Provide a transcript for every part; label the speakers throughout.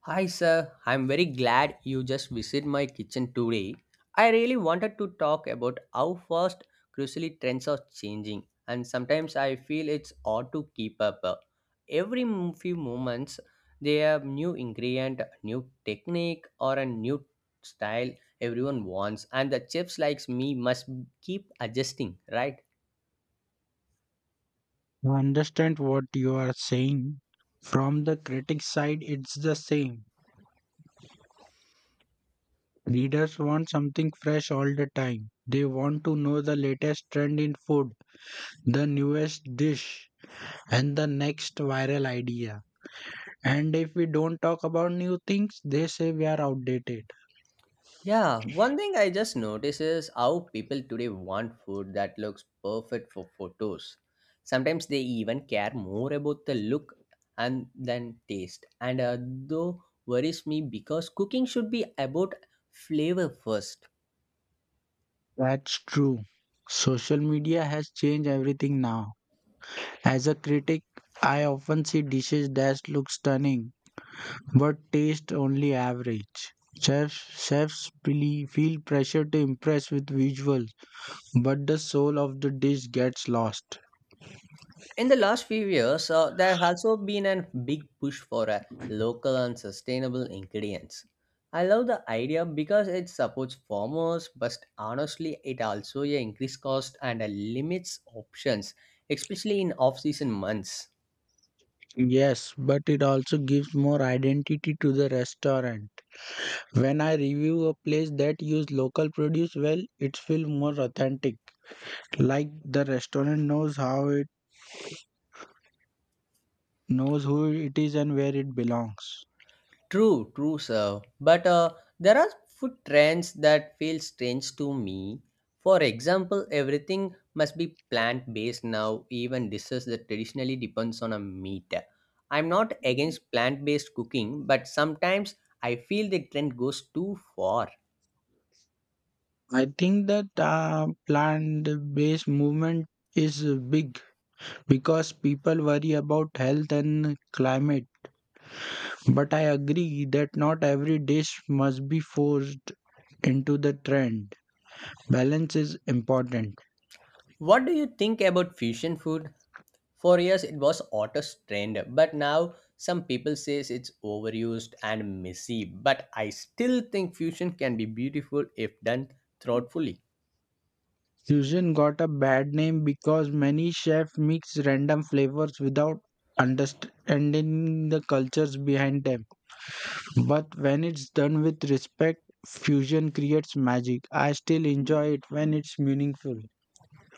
Speaker 1: Hi, sir. I'm very glad you just visit my kitchen today. I really wanted to talk about how fast crucially trends are changing, and sometimes I feel it's hard to keep up. Few moments, they have new ingredient, new technique, or a new style everyone wants, and the chefs likes me must keep adjusting, right?
Speaker 2: I understand what you are saying. From the critic's side, it's the same. Readers want something fresh all the time. They want to know the latest trend in food, the newest dish, and the next viral idea. And if we don't talk about new things, they say we are outdated.
Speaker 1: Yeah, one thing I just noticed is how people today want food that looks perfect for photos. Sometimes they even care more about the look and than taste. And though worries me because cooking should be about flavor first.
Speaker 2: That's true. Social media has changed everything now. As a critic, I often see dishes that look stunning but taste only average. Chefs, chefs feel pressure to impress with visuals, but the soul of the dish gets lost.
Speaker 1: In the last few years, there has also been a big push for local and sustainable ingredients. I love the idea because it supports farmers, but honestly, it also, yeah, increases cost and limits options, especially in off-season months.
Speaker 2: Yes, but it also gives more identity to the restaurant. When I review a place that use local produce well, it feels more authentic. Like the restaurant knows who it is and where it belongs.
Speaker 1: True, true, sir. But there are food trends that feel strange to me. For example, everything must be plant-based now, even dishes that traditionally depends on a meat. I'm not against plant-based cooking, but sometimes I feel the trend goes too far.
Speaker 2: I think that plant-based movement is big because people worry about health and climate. But I agree that not every dish must be forced into the trend. Balance is important.
Speaker 1: What do you think about fusion food? For years, it was Otto's trend, but now some people says it's overused and messy. But I still think fusion can be beautiful if done thoughtfully.
Speaker 2: Fusion got a bad name because many chefs mix random flavors without understanding the cultures behind them. But when it's done with respect, fusion creates magic. I still enjoy it when it's meaningful.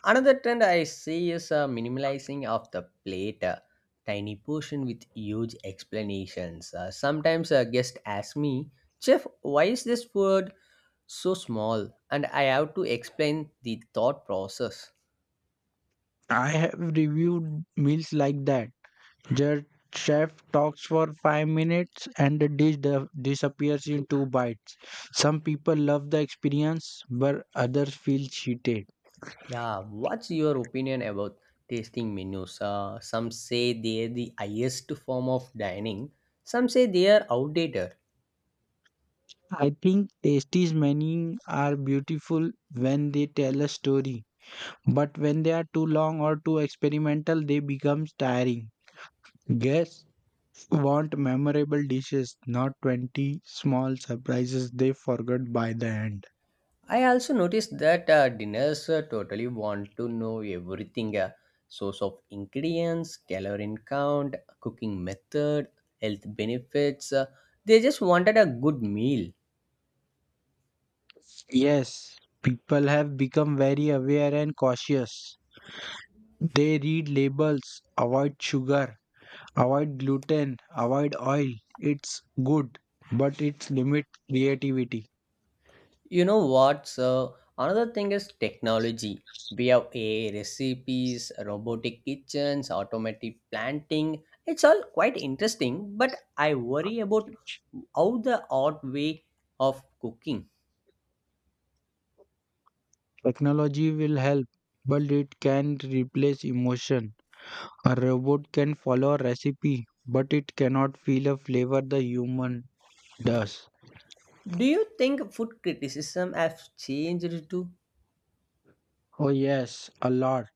Speaker 1: Another trend I see is minimalizing of the plate, tiny portion with huge explanations. Sometimes a guest asks me, "Chef, why is this word so small?" And I have to explain the thought process.
Speaker 2: I have reviewed meals like that. The chef talks for 5 minutes and the dish disappears in two bites. Some people love the experience, but others feel cheated.
Speaker 1: Yeah, what's your opinion about tasting menus? Some say they're the highest form of dining, some say they are outdated.
Speaker 2: I think tasties menus are beautiful when they tell a story, but when they are too long or too experimental, they become tiring. Guests want memorable dishes, not 20 small surprises they forgot by the end.
Speaker 1: I also noticed that dinners totally want to know everything, source of ingredients, calorie count, cooking method, health benefits. They just wanted a good meal.
Speaker 2: Yes, people have become very aware and cautious. They read labels, avoid sugar, avoid gluten, avoid oil. It's good, but it's limit creativity.
Speaker 1: You know what? So another thing is technology. We have AI recipes, robotic kitchens, automatic planting. It's all quite interesting, but I worry about how the odd way of cooking.
Speaker 2: Technology will help, but it can replace emotion. A robot can follow a recipe, but it cannot feel a flavor the human does.
Speaker 1: Do you think food criticism has changed too?
Speaker 2: Oh yes, a lot.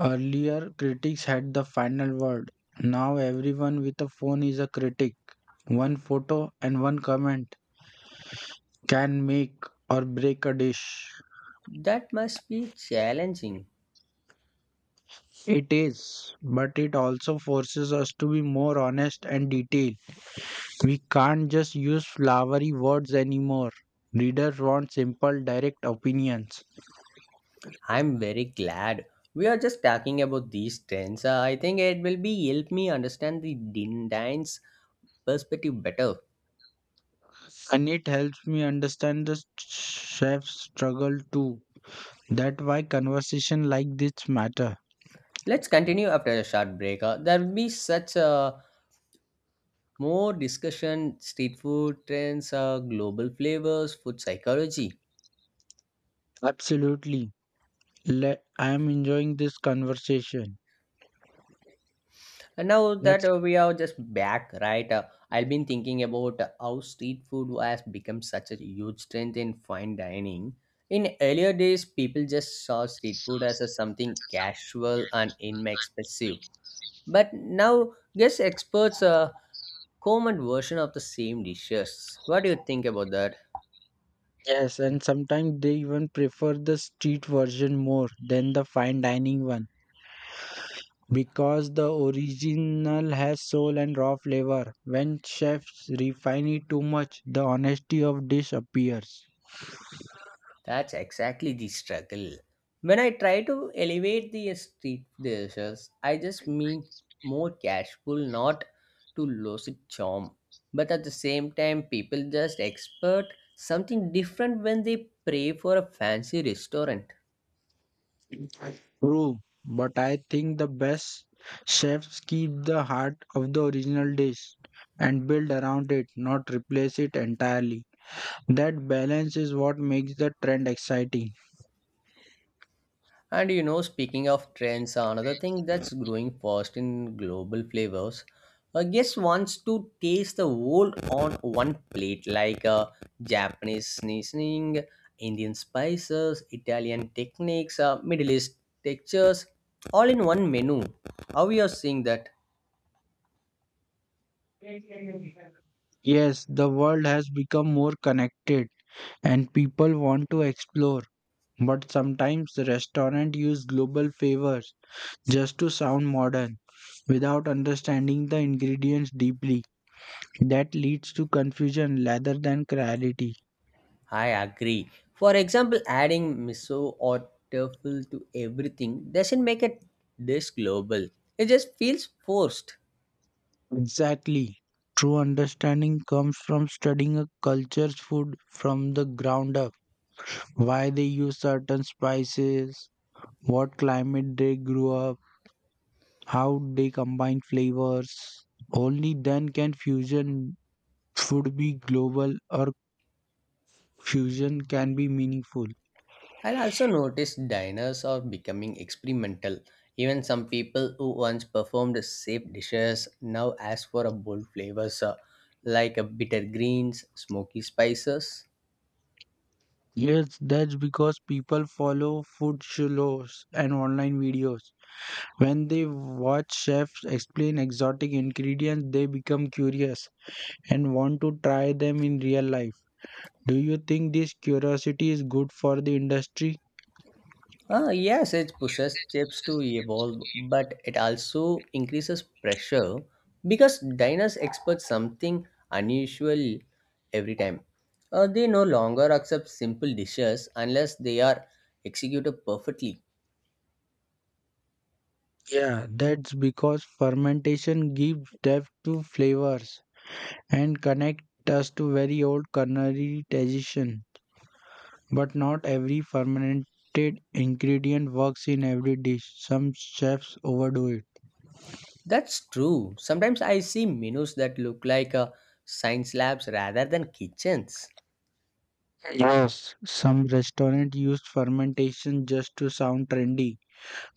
Speaker 2: Earlier critics had the final word. Now everyone with a phone is a critic. One photo and one comment can make or break a dish.
Speaker 1: That must be challenging.
Speaker 2: It is, but it also forces us to be more honest and detailed. We can't just use flowery words anymore. Readers want simple, direct opinions,
Speaker 1: I'm very glad we are just talking about these trends. I think it will be help me understand the Dine's perspective better.
Speaker 2: and it helps me understand the chef's struggle too. That's why conversation like this matter.
Speaker 1: Let's continue after a short break. There will be such a more discussion street food trends, global flavors, food psychology.
Speaker 2: Absolutely. I am enjoying this conversation.
Speaker 1: And now that
Speaker 2: That's
Speaker 1: we are just back, right? I've been thinking about how street food has become such a huge trend in fine dining. In earlier days, people just saw street food as a something casual and inexpensive. But now, guess experts comment version of the same dishes. What do you think about that?
Speaker 2: Yes, and sometimes they even prefer the street version more than the fine dining one. Because the original has soul and raw flavor. When chefs refine it too much, the honesty of dish appears.
Speaker 1: That's exactly the struggle. When I try to elevate the street dishes, I just mean more casual, not to lose its charm. But at the same time, people just expect something different when they pray for a fancy restaurant.
Speaker 2: True, but I think the best chefs keep the heart of the original dish and build around it, not replace it entirely. That balance is what makes the trend exciting.
Speaker 1: And you know, speaking of trends, another thing that's growing fast in global flavors. A guest wants to taste the world on one plate, like Japanese seasoning, Indian spices, Italian techniques, Middle East textures, all in one menu. How you are seeing that?
Speaker 2: Yes, the world has become more connected and people want to explore, but sometimes restaurants use global favors just to sound modern without understanding the ingredients deeply. That leads to confusion rather than clarity.
Speaker 1: I agree. For example, adding miso or truffle to everything doesn't make a dish global. It just feels forced.
Speaker 2: Exactly. True understanding comes from studying a culture's food from the ground up. Why they use certain spices, what climate they grew up, how they combine flavors. Only then can fusion food be global or fusion can be meaningful.
Speaker 1: I also noticed diners are becoming experimental. Even some people who once performed safe dishes now ask for a bold flavors like a bitter greens, smoky spices.
Speaker 2: Yes, that's because people follow food shows and online videos. When they watch chefs explain exotic ingredients, they become curious and want to try them in real life. Do you think this curiosity is good for the industry?
Speaker 1: Ah, yes, it pushes chefs to evolve, but it also increases pressure because diners expect something unusual every time. They no longer accept simple dishes unless they are executed perfectly.
Speaker 2: Yeah, that's because fermentation gives depth to flavors and connect us to very old culinary tradition. But not every fermented ingredient works in every dish. Some chefs overdo it.
Speaker 1: That's true. Sometimes I see menus that look like science labs rather than kitchens.
Speaker 2: Yes. Some restaurants use fermentation just to sound trendy,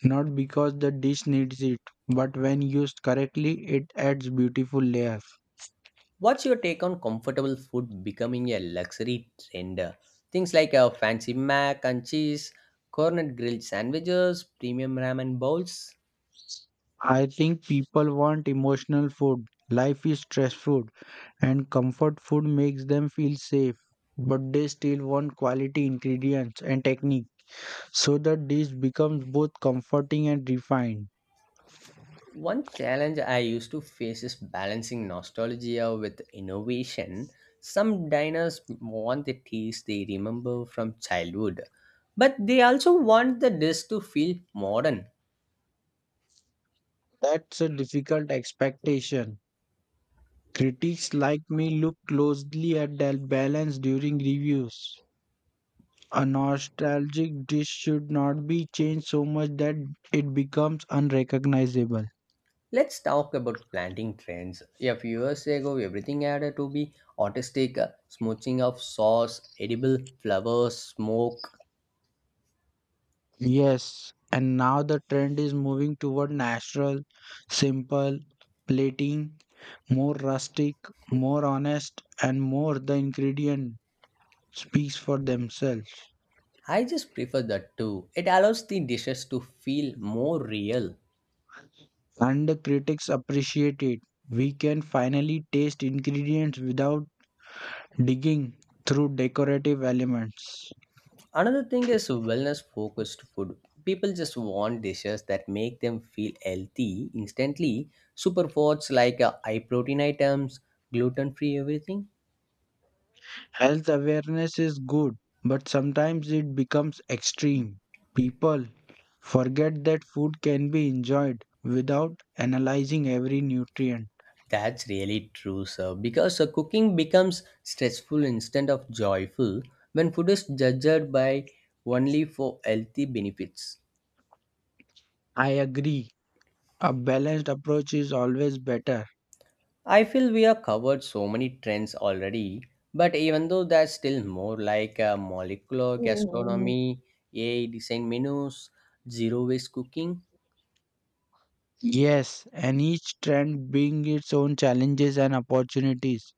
Speaker 2: not because the dish needs it, but when used correctly, it adds beautiful layers.
Speaker 1: What's your take on comfortable food becoming a luxury trend? Things like a fancy mac and cheese, cornet grilled sandwiches, premium ramen bowls.
Speaker 2: I think people want emotional food. Life is stressful, and comfort food makes them feel safe, but they still want quality ingredients and technique, so that this becomes both comforting and refined.
Speaker 1: One challenge I used to face is balancing nostalgia with innovation. Some diners want the taste they remember from childhood, but they also want the dish to feel modern.
Speaker 2: That's a difficult expectation. Critics like me look closely at that balance during reviews. A nostalgic dish should not be changed so much that it becomes unrecognizable.
Speaker 1: Let's talk about planting trends. A few years ago, everything had to be artistic, smooching of sauce, edible flowers, smoke.
Speaker 2: Yes, and now the trend is moving toward natural, simple plating, more rustic, more honest, and more the ingredient speaks for themselves.
Speaker 1: I just prefer that too. It allows the dishes to feel more real.
Speaker 2: And the critics appreciate it. We can finally taste ingredients without digging through decorative elements.
Speaker 1: Another thing is wellness focused food. People just want dishes that make them feel healthy instantly. Superfoods like high protein items, gluten free everything.
Speaker 2: Health awareness is good, but sometimes it becomes extreme. People forget that food can be enjoyed without analyzing every nutrient.
Speaker 1: That's really true, sir. Because cooking becomes stressful instead of joyful when food is judged by only for healthy benefits.
Speaker 2: I agree. A balanced approach is always better.
Speaker 1: I feel we have covered so many trends already, but even though there's still more like molecular
Speaker 2: Mm.
Speaker 1: gastronomy, AI design menus, zero waste cooking.
Speaker 2: Yes, and each trend bring its own challenges and opportunities.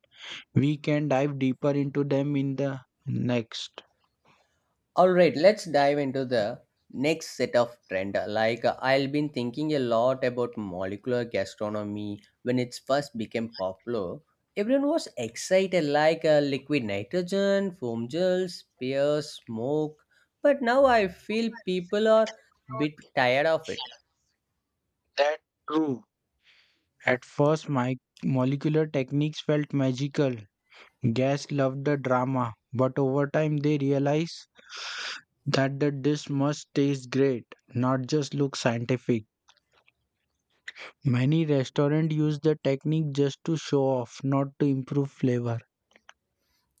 Speaker 2: We can dive deeper into them in the next.
Speaker 1: All right, let's dive into the next set of trend. Like I've been thinking a lot about molecular gastronomy when it first became popular. Everyone was excited, like liquid nitrogen, foam gels, pears, smoke. But now I feel people are bit tired of it.
Speaker 2: That's true. At first, my molecular techniques felt magical. Guests loved the drama, but over time they realized that the dish must taste great, not just look scientific. Many restaurants use the technique just to show off, not to improve flavor.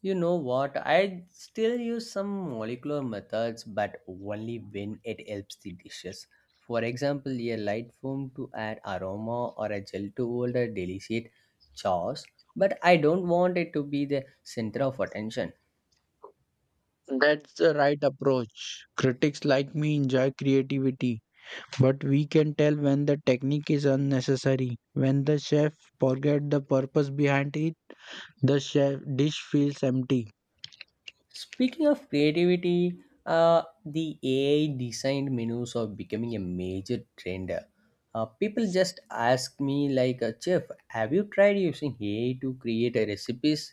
Speaker 1: You know what? I still use some molecular methods, but only when it helps the dishes. For example, a light foam to add aroma or a gel to hold a delicate sauce, but I don't want it to be the center of attention.
Speaker 2: That's the right approach. Critics like me enjoy creativity. But we can tell when the technique is unnecessary. When the chef forget the purpose behind it, the chef dish feels empty.
Speaker 1: Speaking of creativity, the AI designed menus are becoming a major trend. People just ask me like, "Chef, have you tried using AI to create a recipes?"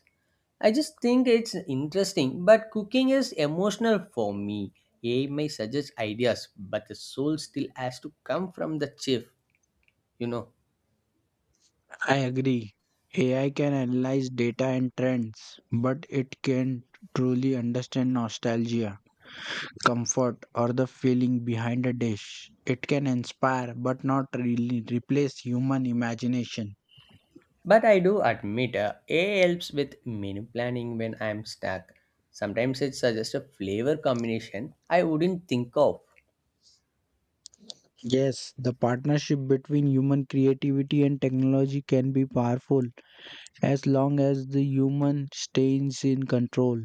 Speaker 1: I just think it's interesting, but cooking is emotional for me. AI may suggest ideas, but the soul still has to come from the chef, you know.
Speaker 2: I agree. AI can analyze data and trends, but it can truly understand nostalgia, comfort, or the feeling behind a dish. It can inspire but not really replace human imagination.
Speaker 1: But I do admit, AI helps with menu planning when I'm stuck. Sometimes it suggests a flavor combination I wouldn't think of.
Speaker 2: Yes, the partnership between human creativity and technology can be powerful, as long as the human stays in control.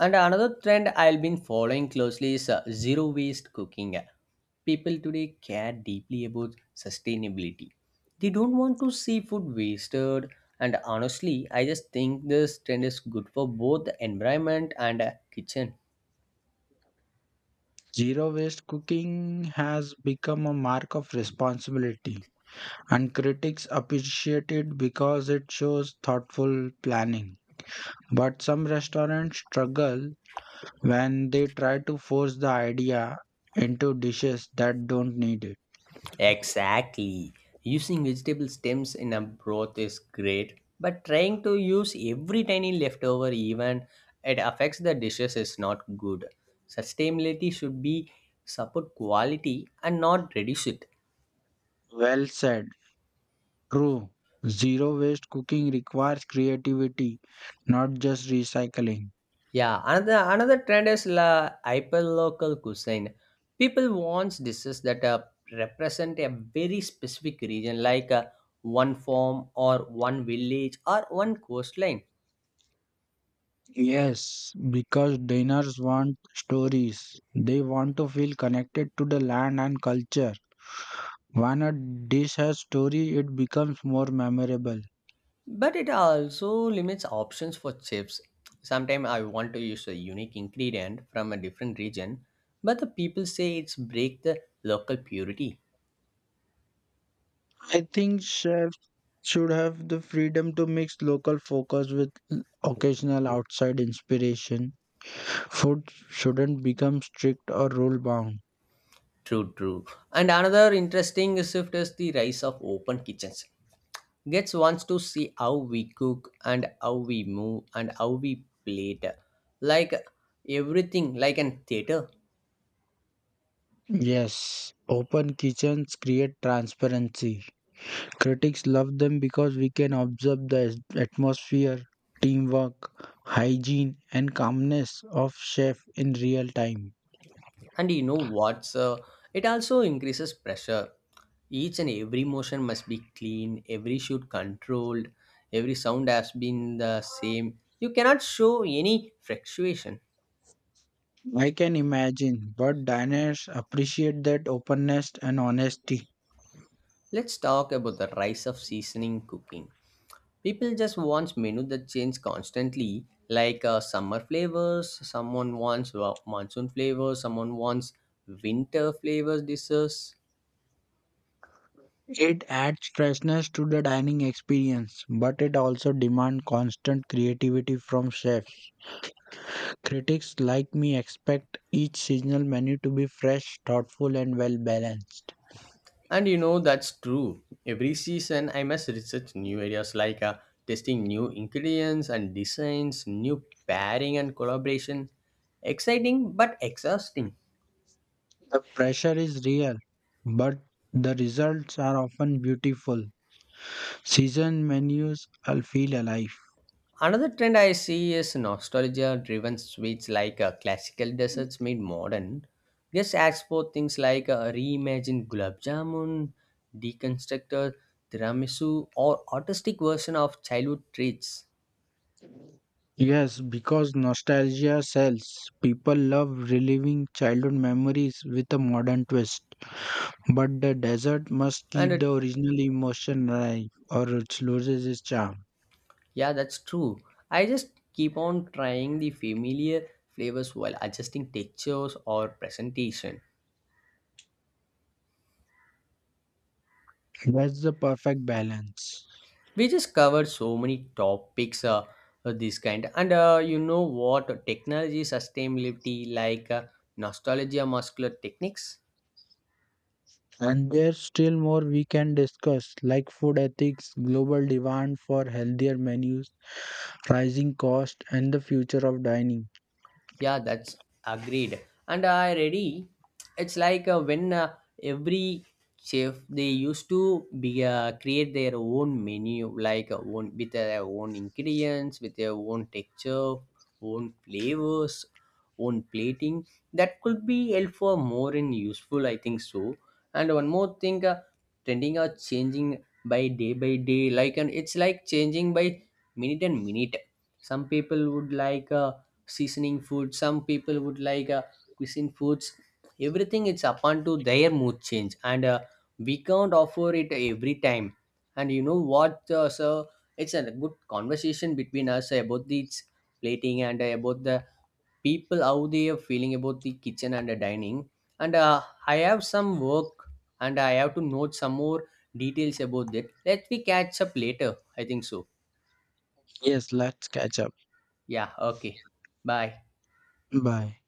Speaker 1: And another trend I've been following closely is zero waste cooking. People today care deeply about sustainability. They don't want to see food wasted. And honestly, I just think this trend is good for both the environment and kitchen.
Speaker 2: Zero waste cooking has become a mark of responsibility, and critics appreciate it because it shows thoughtful planning. But some restaurants struggle when they try to force the idea into dishes that don't need it.
Speaker 1: Exactly. Using vegetable stems in a broth is great, but trying to use every tiny leftover even it affects the dishes is not good. Sustainability should be support quality and not reduce it.
Speaker 2: Well said. True. Zero waste cooking requires creativity, not just recycling.
Speaker 1: Yeah, another trend is la hyperlocal cuisine. People want dishes that represent a very specific region like one farm or one village or one coastline.
Speaker 2: Yes, because diners want stories. They want to feel connected to the land and culture. When a dish has story, it becomes more memorable.
Speaker 1: But it also limits options for chips. Sometimes I want to use a unique ingredient from a different region, but the people say it's break the local purity.
Speaker 2: I think chefs should have the freedom to mix local focus with occasional outside inspiration. Food shouldn't become strict or rule bound.
Speaker 1: True, true. And another interesting shift is the rise of open kitchens. Gets wants to see how we cook and how we move and how we plate. Like everything, like an theater.
Speaker 2: Yes, open kitchens create transparency. Critics love them because we can observe the atmosphere, teamwork, hygiene, and calmness of chef in real time.
Speaker 1: And you know what's it also increases pressure. Each and every motion must be clean, every shoot controlled, every sound has been the same. You cannot show any fluctuation.
Speaker 2: I can imagine, but diners appreciate that openness and honesty.
Speaker 1: Let's talk about the rise of seasoning cooking. People just want menu that change constantly, like summer flavors, someone wants monsoon flavors, someone wants winter flavors desserts.
Speaker 2: It adds freshness to the dining experience, but it also demands constant creativity from chefs. Critics like me expect each seasonal menu to be fresh, thoughtful, and well balanced.
Speaker 1: And you know, that's true. Every season, I must research new areas like testing new ingredients and designs, new pairing and collaboration. Exciting but exhausting.
Speaker 2: The pressure is real, but the results are often beautiful. Season menus will feel alive.
Speaker 1: Another trend I see is nostalgia driven sweets like classical desserts made modern. Just export things like reimagined gulab jamun, deconstructed tiramisu, or artistic version of childhood treats.
Speaker 2: Yes, because nostalgia sells. People love reliving childhood memories with a modern twist. But the desert must keep
Speaker 1: And
Speaker 2: the original emotion alive or it loses its charm.
Speaker 1: yeah, that's true. I just keep on trying the familiar flavors while adjusting textures or presentation.
Speaker 2: That's the perfect balance.
Speaker 1: We just covered so many topics of this kind, and you know what? Technology, sustainability, like nostalgia, muscular techniques.
Speaker 2: And there's still more we can discuss, like food ethics, global demand for healthier menus, rising cost, and the future of dining.
Speaker 1: Yeah, that's agreed. And I ready. It's like when every chef they used to be create their own menu, like own with their own ingredients, with their own texture, own flavors, own plating. That could be helpful, more and useful, I think so. And one more thing, trending are changing by day by day. Like and it's like changing by minute and minute. Some people would like. Seasoning food, some people would like cuisine foods, everything it's upon to their mood change, and we can't offer it every time. And you know what, so it's a good conversation between us about these plating, and about the people how they are feeling about the kitchen and the dining, and I have some work, and I have to note some more details about that. Let me catch up later, I think so.
Speaker 2: Yes, let's catch up.
Speaker 1: Yeah, okay. Bye.
Speaker 2: Bye.